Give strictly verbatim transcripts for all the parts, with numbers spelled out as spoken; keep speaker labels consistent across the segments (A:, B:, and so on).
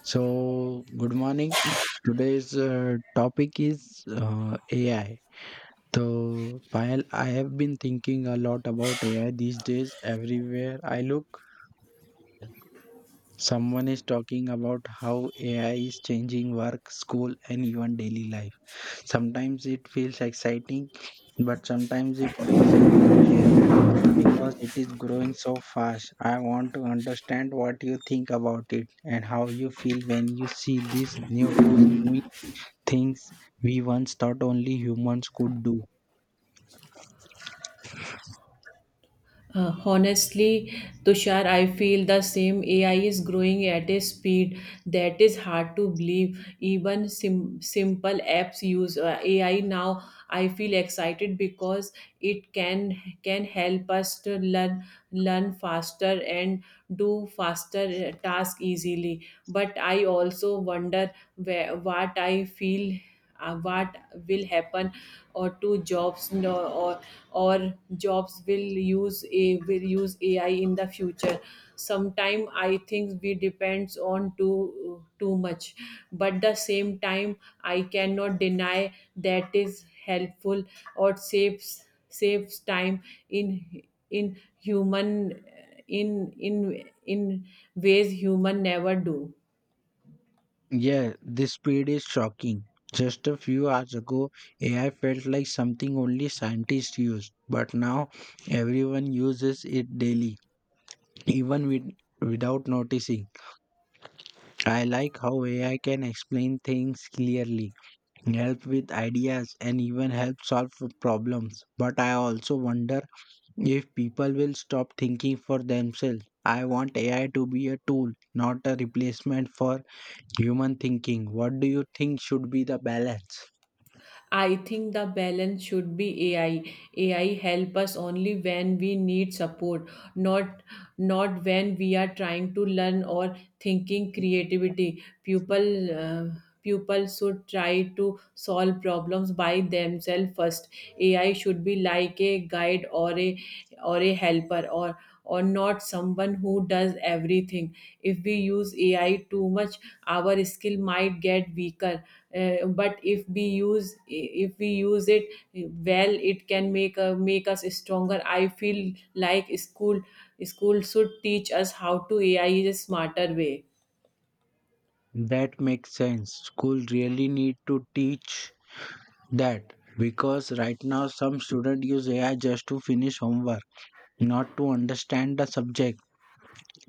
A: So, good morning. Today's uh, topic is uh, A I. So, while I have been thinking a lot about A I these days, everywhere I look, someone is talking about how A I is changing work, school, and even daily life. Sometimes it feels exciting, but sometimes it feels a bit scary because it is growing so fast. I want to understand what you think about it and how you feel when you see these new tools things we once thought only humans could do.
B: Uh, honestly, Tushar, I feel the same. A I is growing at a speed that is hard to believe. Even sim- simple apps use uh, A I now. I feel excited because it can can help us to learn learn faster and do faster uh, task easily. But I also wonder where, what I feel uh, what will happen or to jobs, no, or or jobs will use a will use A I in the future. Sometime I think we depends on too too much, but the same time I cannot deny that is helpful or saves saves time in in human in in in ways human never do.
A: Yeah, this speed is shocking. Just a few hours ago, A I felt like something only scientists used, but now everyone uses it daily, even with, without noticing. I like how A I can explain things clearly, help with ideas, and even help solve problems. But I also wonder if people will stop thinking for themselves. I want A I to be a tool, not a replacement for human thinking. What do you think should be the balance?
B: I think the balance should be A I. A I help us only when we need support, not not when we are trying to learn or thinking creativity. People uh, people should try to solve problems by themselves first. A I should be like a guide or a or a helper or or not someone who does everything. If we use A I too much, our skill might get weaker, uh, but if we use if we use it well it can make uh, make us stronger. I feel like school school should teach us how to A I in a smarter way.
A: That makes sense. School really need to teach that because right now some students use A I just to finish homework, not to understand the subject.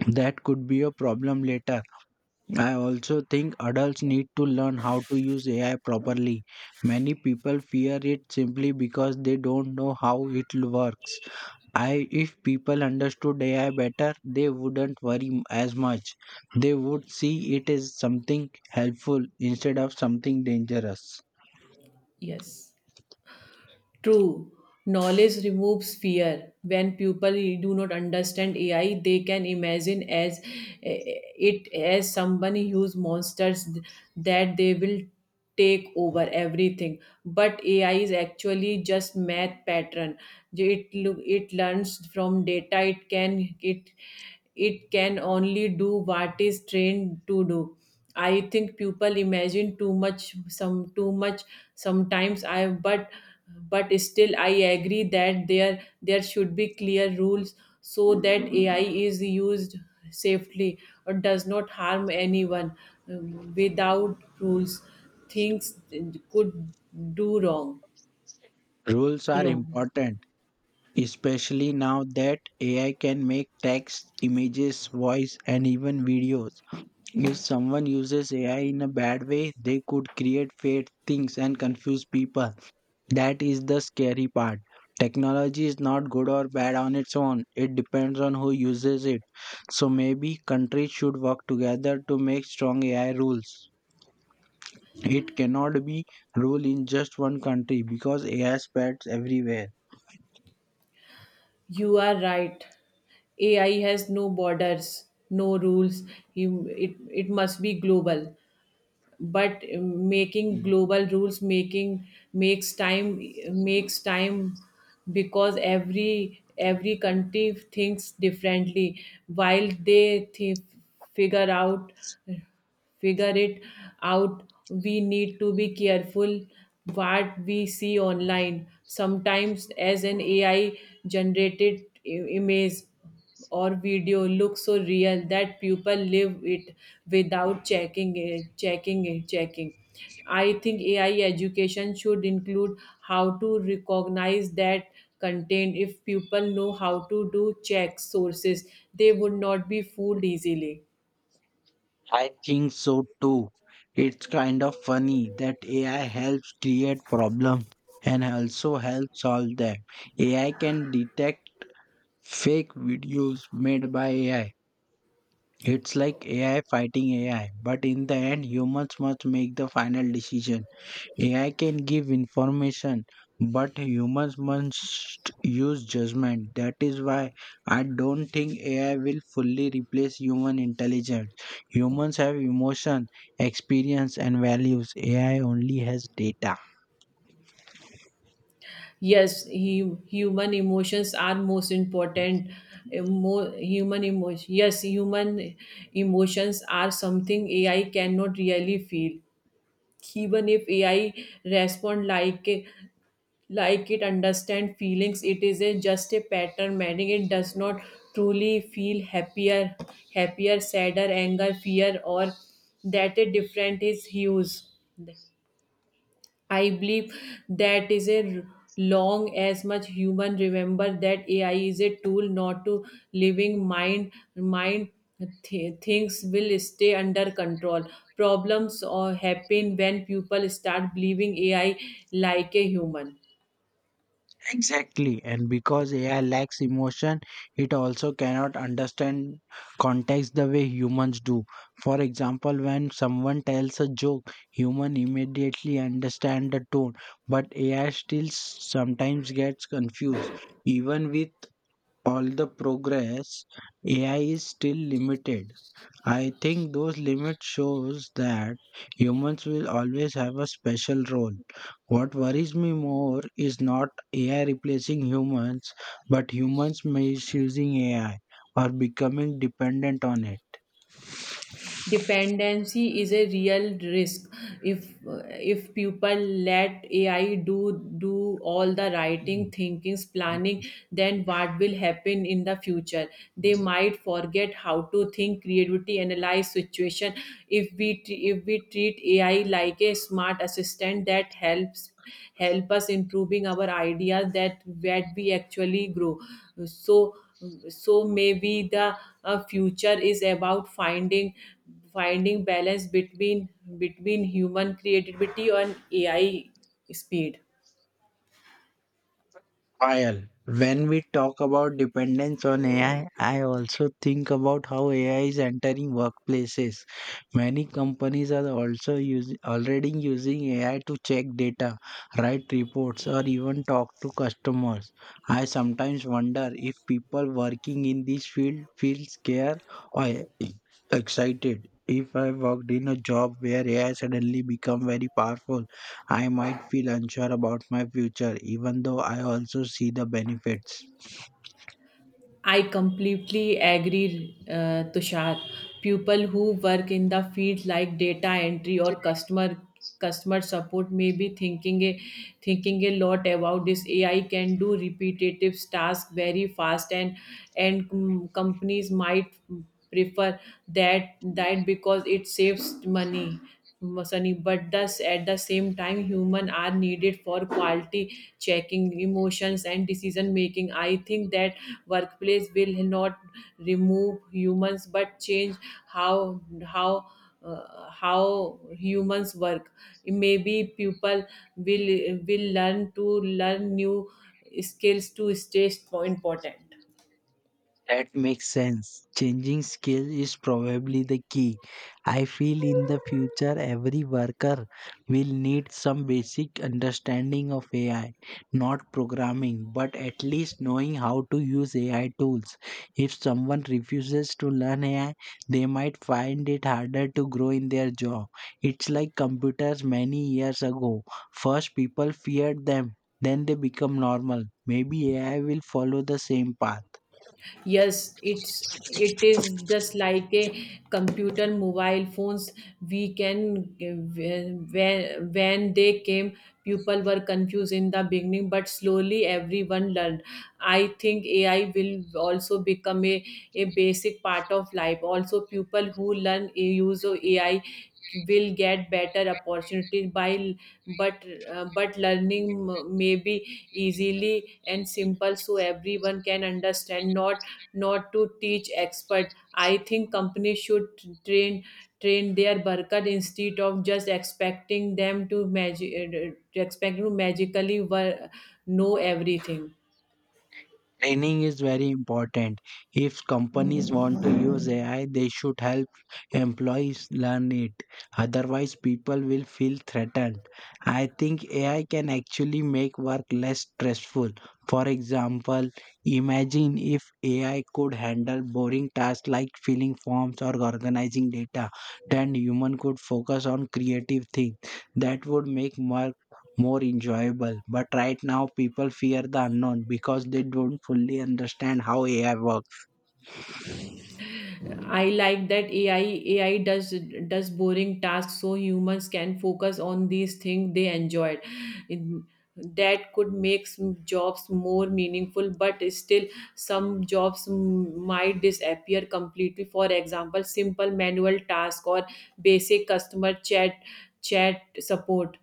A: That could be a problem later. I also think adults need to learn how to use A I properly. Many people fear it simply because they don't know how it l- works. I If people understood A I better, they wouldn't worry m- as much. They would see it as something helpful instead of something dangerous.
B: Yes. True, knowledge removes fear. When people do not understand A I, they can imagine as eh, eh, it as someone who's monsters th- that they will take over everything. But A I is actually just math pattern. It look it learns from data. It can it it can only do what is trained to do. I think people imagine too much some too much sometimes. I but but still I agree that there there should be clear rules so that A I is used safely or does not harm anyone. Um, without rules, things could do wrong
A: Rules are
B: wrong
A: important, especially now that A I can make text, images, voice and even videos. If someone uses A I in a bad way, they could create fake things and confuse people. That is the scary part. Technology is not good or bad on its own, it depends on who uses it. So maybe countries should work together to make strong A I rules. It cannot be rule in just one country because A I spreads everywhere.
B: You are right. A I has no borders, no rules. You, it, it must be global. But making global rules, making makes time makes time because every every country thinks differently. While they th- figure out figure it out, we need to be careful what we see online. Sometimes as an A I generated i- image or video looks so real that people live it without checking it checking it checking I think A I education should include how to recognize that content. If people know how to do check sources, they would not be fooled easily.
A: I think so too. It's kind of funny that A I helps create problems and also helps solve them. A I can detect fake videos made by A I. It's like A I fighting A I, but in the end, humans must make the final decision. A I can give information, but humans must use judgment. That is why I don't think A I will fully replace human intelligence. Humans have emotion, experience, and values. A I only has data.
B: Yes, hu- human emotions are most important. Emo- human emotion. Yes, human emotions are something A I cannot really feel. Even if A I respond like a- like it understand feelings, it is a, just a pattern meaning it does not truly feel happier, happier, sadder, anger, fear, or that a different is hues. I believe that is a long as much human remember that A I is a tool, not to living mind mind th- things will stay under control. Problems or happen when people start believing A I like a human.
A: Exactly, and because A I lacks emotion, it also cannot understand context the way humans do. For example, when someone tells a joke, human immediately understand the tone, but A I still sometimes gets confused. Even with all the progress, A I is still limited. I think those limits shows that humans will always have a special role. What worries me more is not A I replacing humans, but humans misusing A I or becoming dependent on
B: Dependency is a real risk. If if people let A I do do all the
A: it.
B: writing, thinking, planning, then what will happen in the future? They might forget how to think creativity, analyze situation. If we tre- if we treat A I like a smart assistant that helps help us improving our ideas, that that we actually grow. So so maybe the uh, future is about finding finding balance between between human creativity and A I speed.
A: Payal, when we talk about dependence on A I, I I also think about how A I is entering workplaces. Many companies are also using already using A I to check data, write reports, or even talk to customers. I sometimes wonder if people working in this field feel scared or excited. If I worked in a job where A I suddenly become very powerful, I might feel unsure about my future, even though I also see the benefits.
B: I completely agree, uh, Tushar. People who work in the field like data entry or customer customer support may be thinking a thinking a lot about this. A I can do repetitive tasks very fast, and and com- companies might prefer that that because it saves money. Sunny, but thus at the same time, human are needed for quality checking, emotions, and decision making. I think that workplace will not remove humans, but change how how uh, how humans work. Maybe people will will learn to learn new skills to stay important.
A: That makes sense. Changing skill is probably the key. I feel in the future every worker will need some basic understanding of A I, not programming, but at least knowing how to use A I tools. If someone refuses to learn A I, they might find it harder to grow in their job. It's like computers many years ago. First people feared them, then they become normal. Maybe A I will follow the same path.
B: Yes, it's it is just like a computer, mobile phones. We can When when they came, people were confused in the beginning, but slowly everyone learned. I think ai will also become a, a basic part of life. Also people who learn a use of A I will get better opportunities. By but uh, but learning m- may be easily and simple so everyone can understand, not not to teach expert. I think companies should train train their worker instead of just expecting them to magic expect to magically wo- know everything.
A: Training is very important. If companies want to use A I, they should help employees learn it. Otherwise, people will feel threatened. I think A I can actually make work less stressful. For example, imagine if A I could handle boring tasks like filling forms or organizing data, then human could focus on creative things. That would make more more enjoyable. But right now, people fear the unknown because they don't fully understand how A I works.
B: I like that A I A I does does boring tasks so humans can focus on these things they enjoyed. In- That could make some jobs more meaningful, but still some jobs mm, might disappear completely. For example, simple manual task or basic customer chat chat support,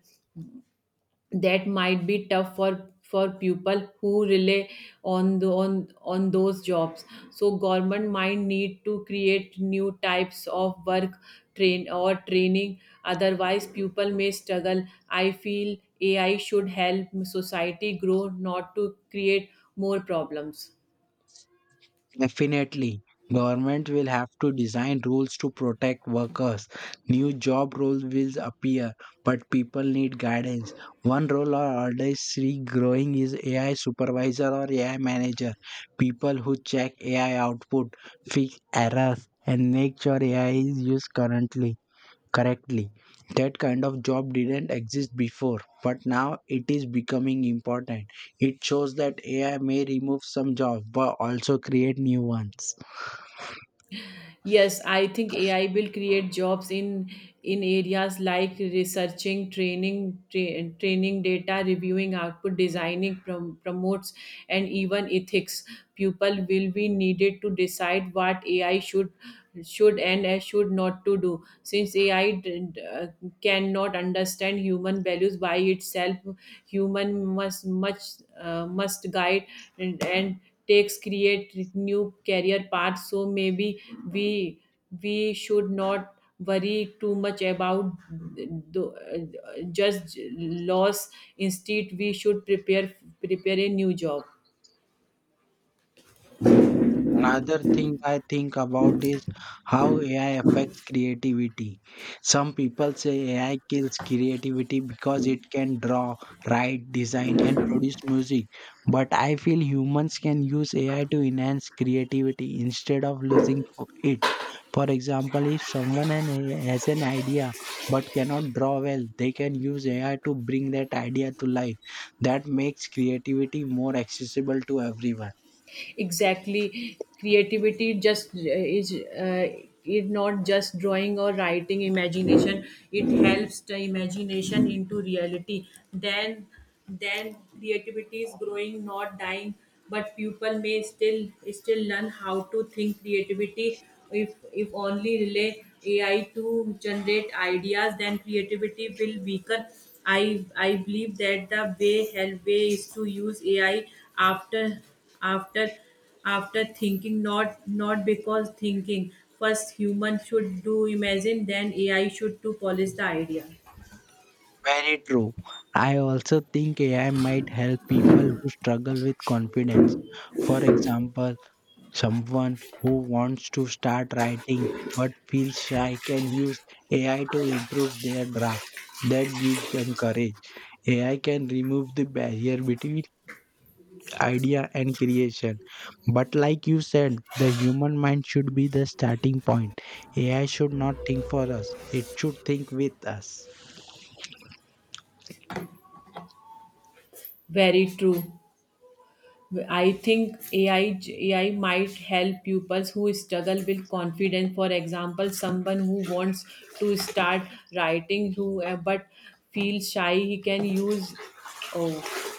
B: that might be tough for for people who rely on the, on on those jobs. So government might need to create new types of work, train or training. Otherwise people may struggle. I feel A I should help society grow, not to create more problems.
A: Definitely, government will have to design rules to protect workers. New job roles will appear, but people need guidance. One role or order is see growing is A I supervisor or A I manager. People who check A I output, fix errors, and make sure A I is used currently. Correctly. That kind of job didn't exist before, but now it is becoming important. It shows that A I may remove some jobs but also create new ones.
B: Yes, I think A I will create jobs in in areas like researching, training, tra- training data, reviewing output, designing, prom- promotes, and even ethics. People will be needed to decide what A I should should and uh, should not to do. Since A I did uh, cannot understand human values by itself, human must much uh, must guide and, and takes create new career paths. So maybe we we should not worry too much about the, uh, just loss. Instead we should prepare prepare a new job.
A: Another thing I think about is how A I affects creativity. Some people say A I kills creativity because it can draw, write, design, and produce music. But I feel humans can use A I to enhance creativity instead of losing fo- it. For example, if someone an- has an idea but cannot draw well, they can use A I to bring that idea to life. That makes creativity more accessible to everyone.
B: Exactly, creativity just uh, is uh, is not just drawing or writing imagination. It helps the imagination into reality. Then then creativity is growing, not dying. But people may still still learn how to think creativity. If if only relay A I to generate ideas, then creativity will weaken. I I believe that the way help way is to use A I after after after thinking, not not because thinking. First human should do imagine, then A I should to polish the idea.
A: Very true. I also think A I might help people who struggle with confidence. For example, someone who wants to start writing but feels shy can use A I to improve their draft. That gives them courage. A I can remove the barrier between idea and creation. But, like you said, the human mind should be the starting point. A I should not think for us, it should think with us.
B: Very true. I think A I, A I might help pupils who struggle with confidence. For example, someone who wants to start writing, who uh, but feels shy, he can use. Oh,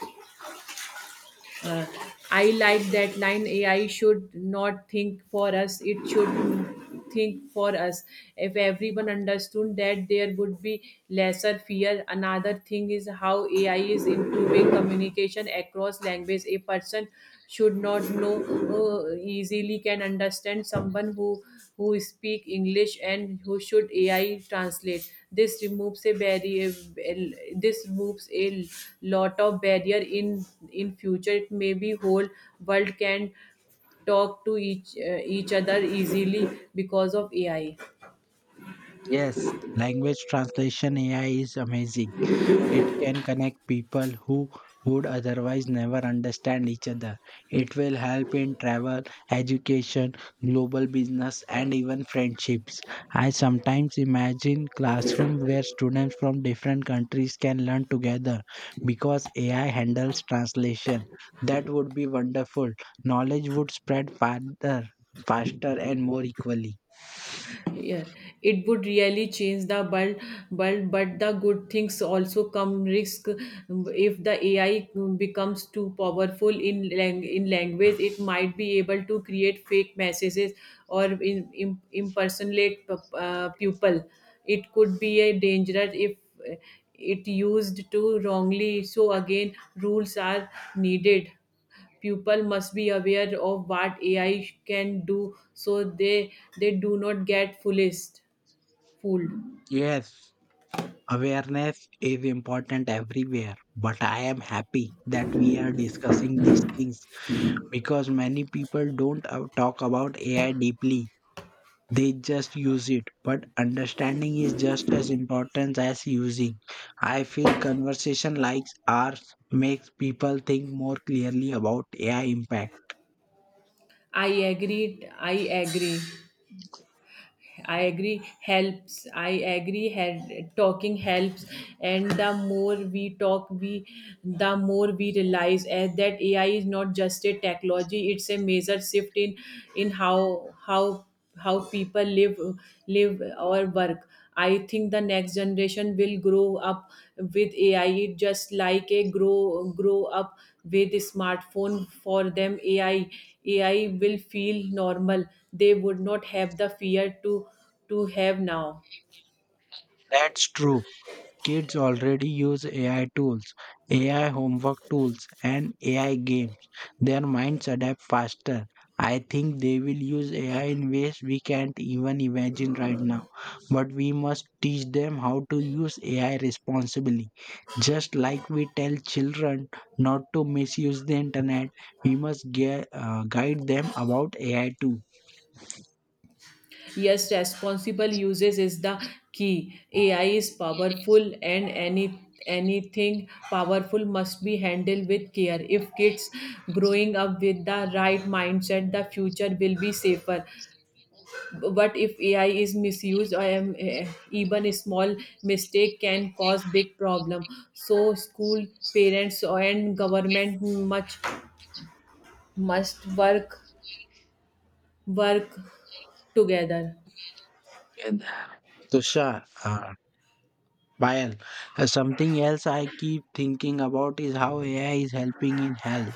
B: uh, I like that line. Ai should not think for us, it should think for us. If everyone understood that, there would be lesser fear. Another thing is how A I is improving communication across language. A person should not know, uh, easily can understand someone who who speak English and who should A I translate. This removes a barrier. This removes a lot of barrier in in future. It may be whole world can talk to each uh, each other easily because of A I.
A: Yes, language translation A I is amazing. It can connect people who would otherwise never understand each other. It will help in travel, education, global business, and even friendships. I sometimes imagine classrooms where students from different countries can learn together because A I handles translation. That would be wonderful. Knowledge would spread farther, faster, and more equally.
B: Yeah, it would really change the world, world but the good things also come risk. If the A I becomes too powerful in lang- in language, it might be able to create fake messages or in, im- impersonate p- uh, people. It could be a dangerous if, uh, it used to wrongly. So again rules are needed. Pupil must be aware of what A I can do so they they do not get fooled. Fooled.
A: Yes. Awareness is important everywhere, but I am happy that we are discussing these things because many people don't uh, talk about A I deeply. They just use it, but understanding is just as important as using. I feel conversation like ours makes people think more clearly about A I impact.
B: I agree. I agree. I agree helps. I agree had Talking helps, and the more we talk we the more we realize eh, that A I is not just a technology, it's a major shift in in how how how people live live or work. I think the next generation will grow up with A I. Just like a grow grow up with smartphone, for them ai ai will feel normal. They would not have the fear to to have now.
A: That's true. Kids already use A I tools, A I homework tools, and A I games. Their minds adapt faster. I think they will use A I in ways we can't even imagine right now. But we must teach them how to use A I responsibly. Just like we tell children not to misuse the internet, we must ge- uh, guide them about A I too.
B: Yes, responsible uses is the key. AI is powerful and any anything powerful must be handled with care. If kids growing up with the right mindset, the future will be safer. But if A I is misused, i am eh, even a small mistake can cause big problem. So school, parents, and government much must work work together.
A: And Tushar, uh, Well, uh, something else I keep thinking about is how A I is helping in health.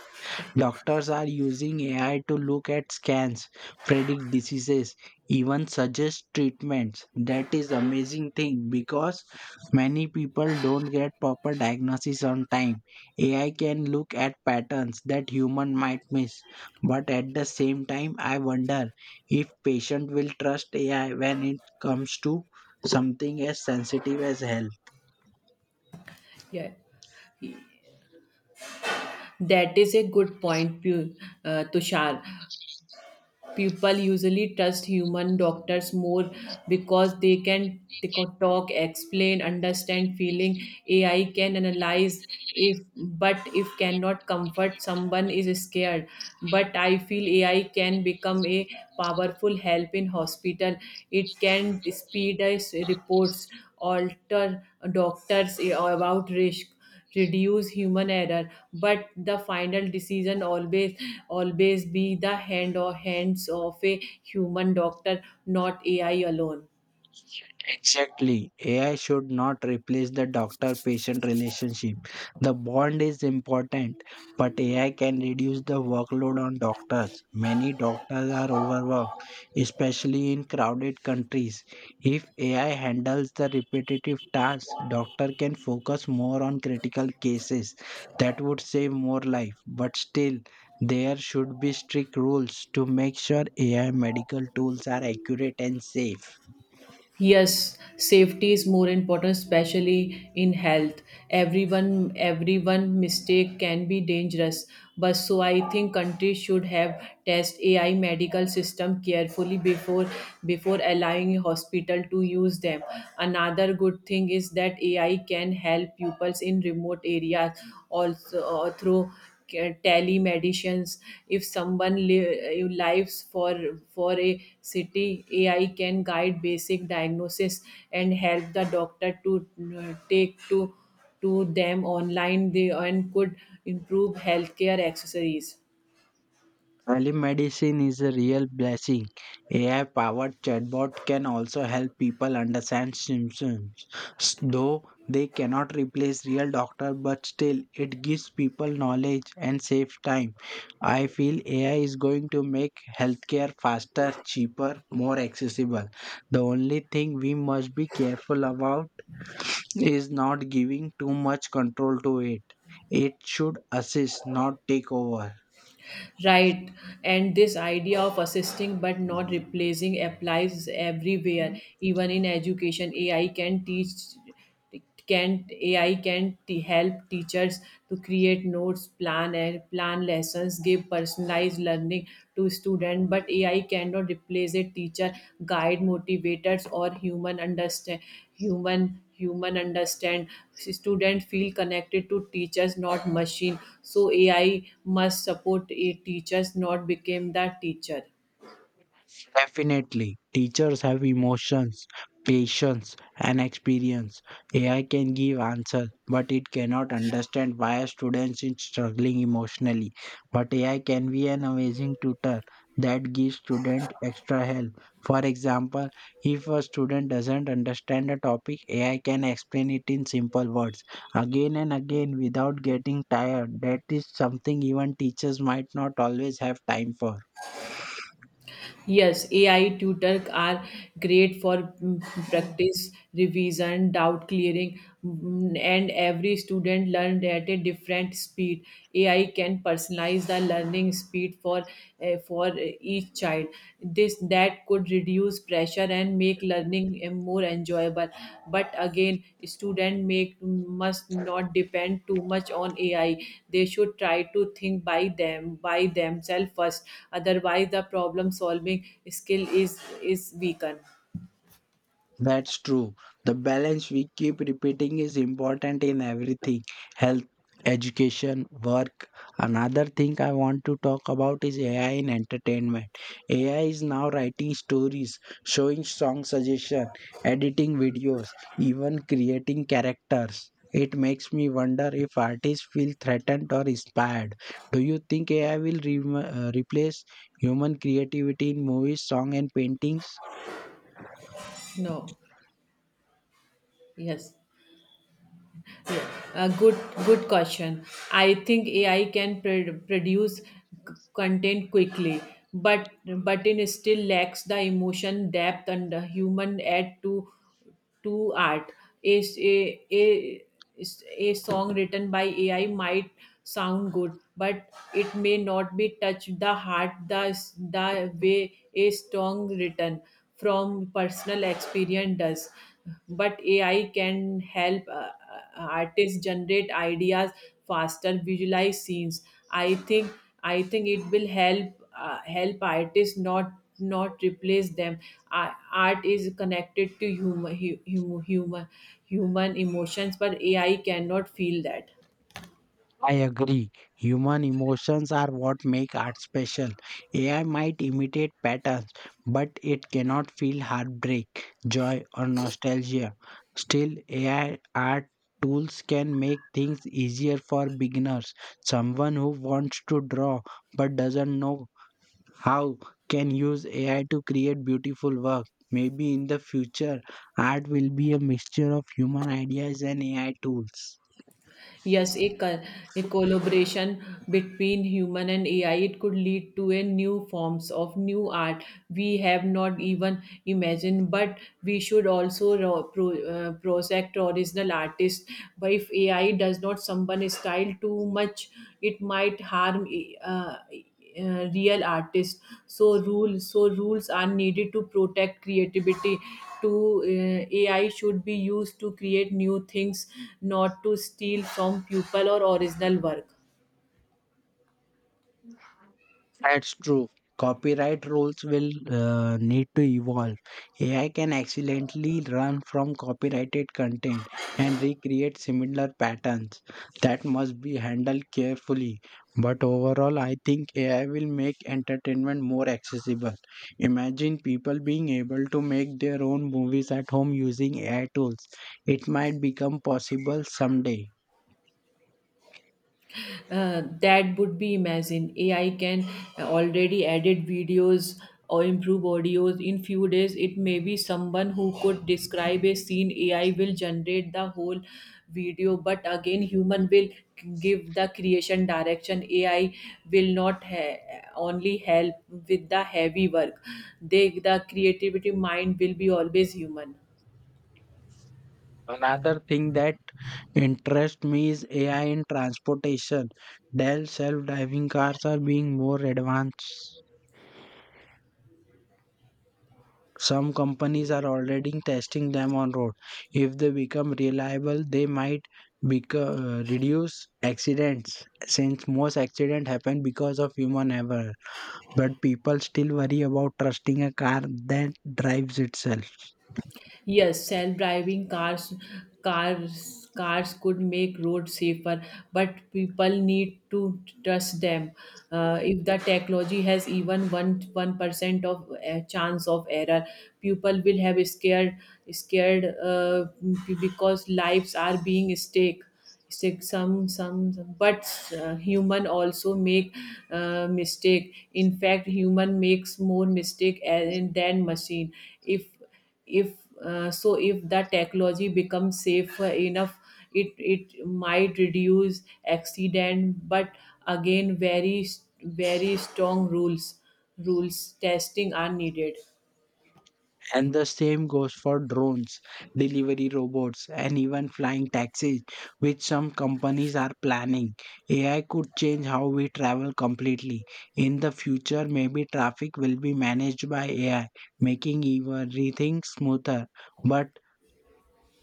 A: Doctors are using A I to look at scans, predict diseases, even suggest treatments. That is amazing thing because many people don't get proper diagnosis on time. A I can look at patterns that human might miss. But at the same time, I wonder if patient will trust A I when it comes to something as sensitive as health.
B: Yeah, that is a good point, Pu- uh, tushar. People usually trust human doctors more because they can t- talk, explain, understand feeling. A I can analyze, if but if cannot comfort someone is scared. But I feel A I can become a powerful help in hospital. It can speed us reports, alter doctors about risk, reduce human error. But the final decision always always be the hand or hands of a human doctor, not A I alone.
A: Exactly. A I should not replace the doctor patient relationship. The bond is important, but A I can reduce the workload on doctors. Many doctors are overworked, especially in crowded countries. If A I handles the repetitive tasks, doctor can focus more on critical cases. That would save more life, but still there should be strict rules to make sure A I medical tools are accurate and safe.
B: Yes, safety is more important, especially in health. Everyone, everyone mistake can be dangerous. But so I think countries should have test A I medical system carefully before before allowing hospital to use them. Another good thing is that A I can help pupils in remote areas also, uh, through ca- telemedicines. If someone li- eh, lives for for a city, A I can guide basic diagnosis and help the doctor to, uh, take to to them online, they and could improve healthcare accessories.
A: Telemedicine is a real blessing. A I powered chatbot can also help people understand symptoms. S- Though they cannot replace real doctor, but still it gives people knowledge and save time. I feel A I is going to make healthcare faster, cheaper, more accessible. The only thing we must be careful about is not giving too much control to it. It should assist, not take over.
B: Right. And this idea of assisting but not replacing applies everywhere. Even in education, A I can teach can A I can t- help teachers to create notes, plan and plan lessons, give personalized learning to student. But A I cannot replace a teacher, guide, motivators, or human understand human human understand student feel connected to teachers, not machine. So A I must support a teachers, not become the teacher.
A: Definitely, teachers have emotions, patience, and experience. A I can give answers, but it cannot understand why a student is struggling emotionally. But A I can be an amazing tutor that gives student extra help. For example, if a student doesn't understand a topic, A I can explain it in simple words again and again without getting tired. That is something even teachers might not always have time for.
B: Yes, A I tutor are great for mm, practice, revision, doubt clearing, mm, and every student learned at a different speed. A I can personalize the learning speed for eh, for each child. This that could reduce pressure and make learning eh, more enjoyable. But again student make must not depend too much on A I. They should try to think by them by themselves first. Otherwise the problem solving skill is is weakened.
A: That's true. The balance we keep repeating is important in everything health, education, work. Another thing I want to talk about is A I in entertainment. A I is now writing stories, showing song suggestion, editing videos, even creating characters. It makes me wonder if artists feel threatened or inspired. Do you think A I will re- uh, replace human creativity in movies, song, and paintings?
B: No. Yes. Yeah, a good good question. I think A I can pr- produce c- content quickly, but but it still lacks the emotion depth and the human add to to art. A, a, a, a song written by A I might sound good, but it may not be touch the heart the, the way a song written from personal experience does. But ai can help, uh, uh, artists generate ideas faster, visualize scenes. I think i think it will help, uh, help artists, not not replace them. Ar- art is connected to human human human emotions, but A I cannot feel that.
A: I agree. Human emotions are what make art special. A I might imitate patterns, but it cannot feel heartbreak, joy, or nostalgia. Still, A I art tools can make things easier for beginners. Someone who wants to draw but doesn't know how can use A I to create beautiful work. Maybe in the future, art will be a mixture of human ideas and A I tools.
B: Yes, a, co- a collaboration between human and A I, it could lead to a new forms of new art we have not even imagined. But we should also ro- pro, uh, project original artists. But if A I does not someone style too much, it might harm, uh, uh, real artists. So rules so rules are needed to protect creativity. To uh, A I should be used to create new things, not to steal from people or original work.
A: That's true. Copyright rules will uh, need to evolve. A I can accidentally run from copyrighted content and recreate similar patterns. That must be handled carefully. But overall, I think A I will make entertainment more accessible. Imagine people being able to make their own movies at home using A I tools. It might become possible someday.
B: Uh, that would be imagine. A I can already edit videos or improve audios. In few days it may be someone who could describe a scene, A I will generate the whole video. But again human will give the creation direction. A I will not ha- only help with the heavy work. They the creativity mind will be always human.
A: Another thing that interests me is A I in transportation. Dell self-driving cars are being more advanced. Some companies are already testing them on road. If they become reliable, they might beco- uh, reduce accidents since most accidents happen because of human error. But people still worry about trusting a car that drives itself.
B: Yes, self-driving cars, cars, cars could make roads safer, but people need to trust them. Uh, if the technology has even one one percent of, uh, chance of error, people will have scared, scared uh, b- because lives are being stake. Stake. Some some, some- but uh, human also make, uh, mistake. In fact, human makes more mistake a- than machine. If if uh, so if that technology becomes safe enough, it it might reduce accident. But again very very strong rules rules testing are needed.
A: And the same goes for drones, delivery robots, and even flying taxis, which some companies are planning. A I could change how we travel completely. In the future, maybe traffic will be managed by A I, making everything smoother. But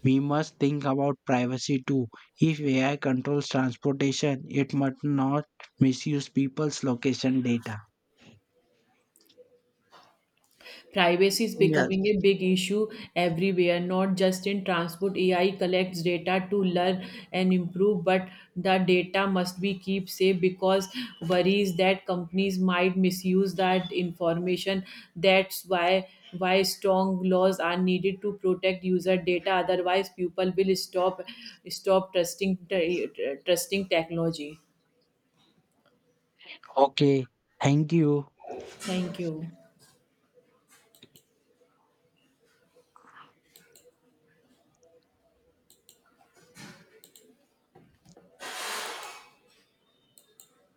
A: we must think about privacy too. If A I controls transportation, it must not misuse people's location data.
B: Privacy is
A: Yes.
B: becoming a big issue everywhere, not just in transport. A I collects data to learn and improve, but the data must be kept safe because worries that companies might misuse that information. That's why why strong laws are needed to protect user data. Otherwise, people will stop stop trusting trusting technology.
A: Okay, thank you.
B: Thank you.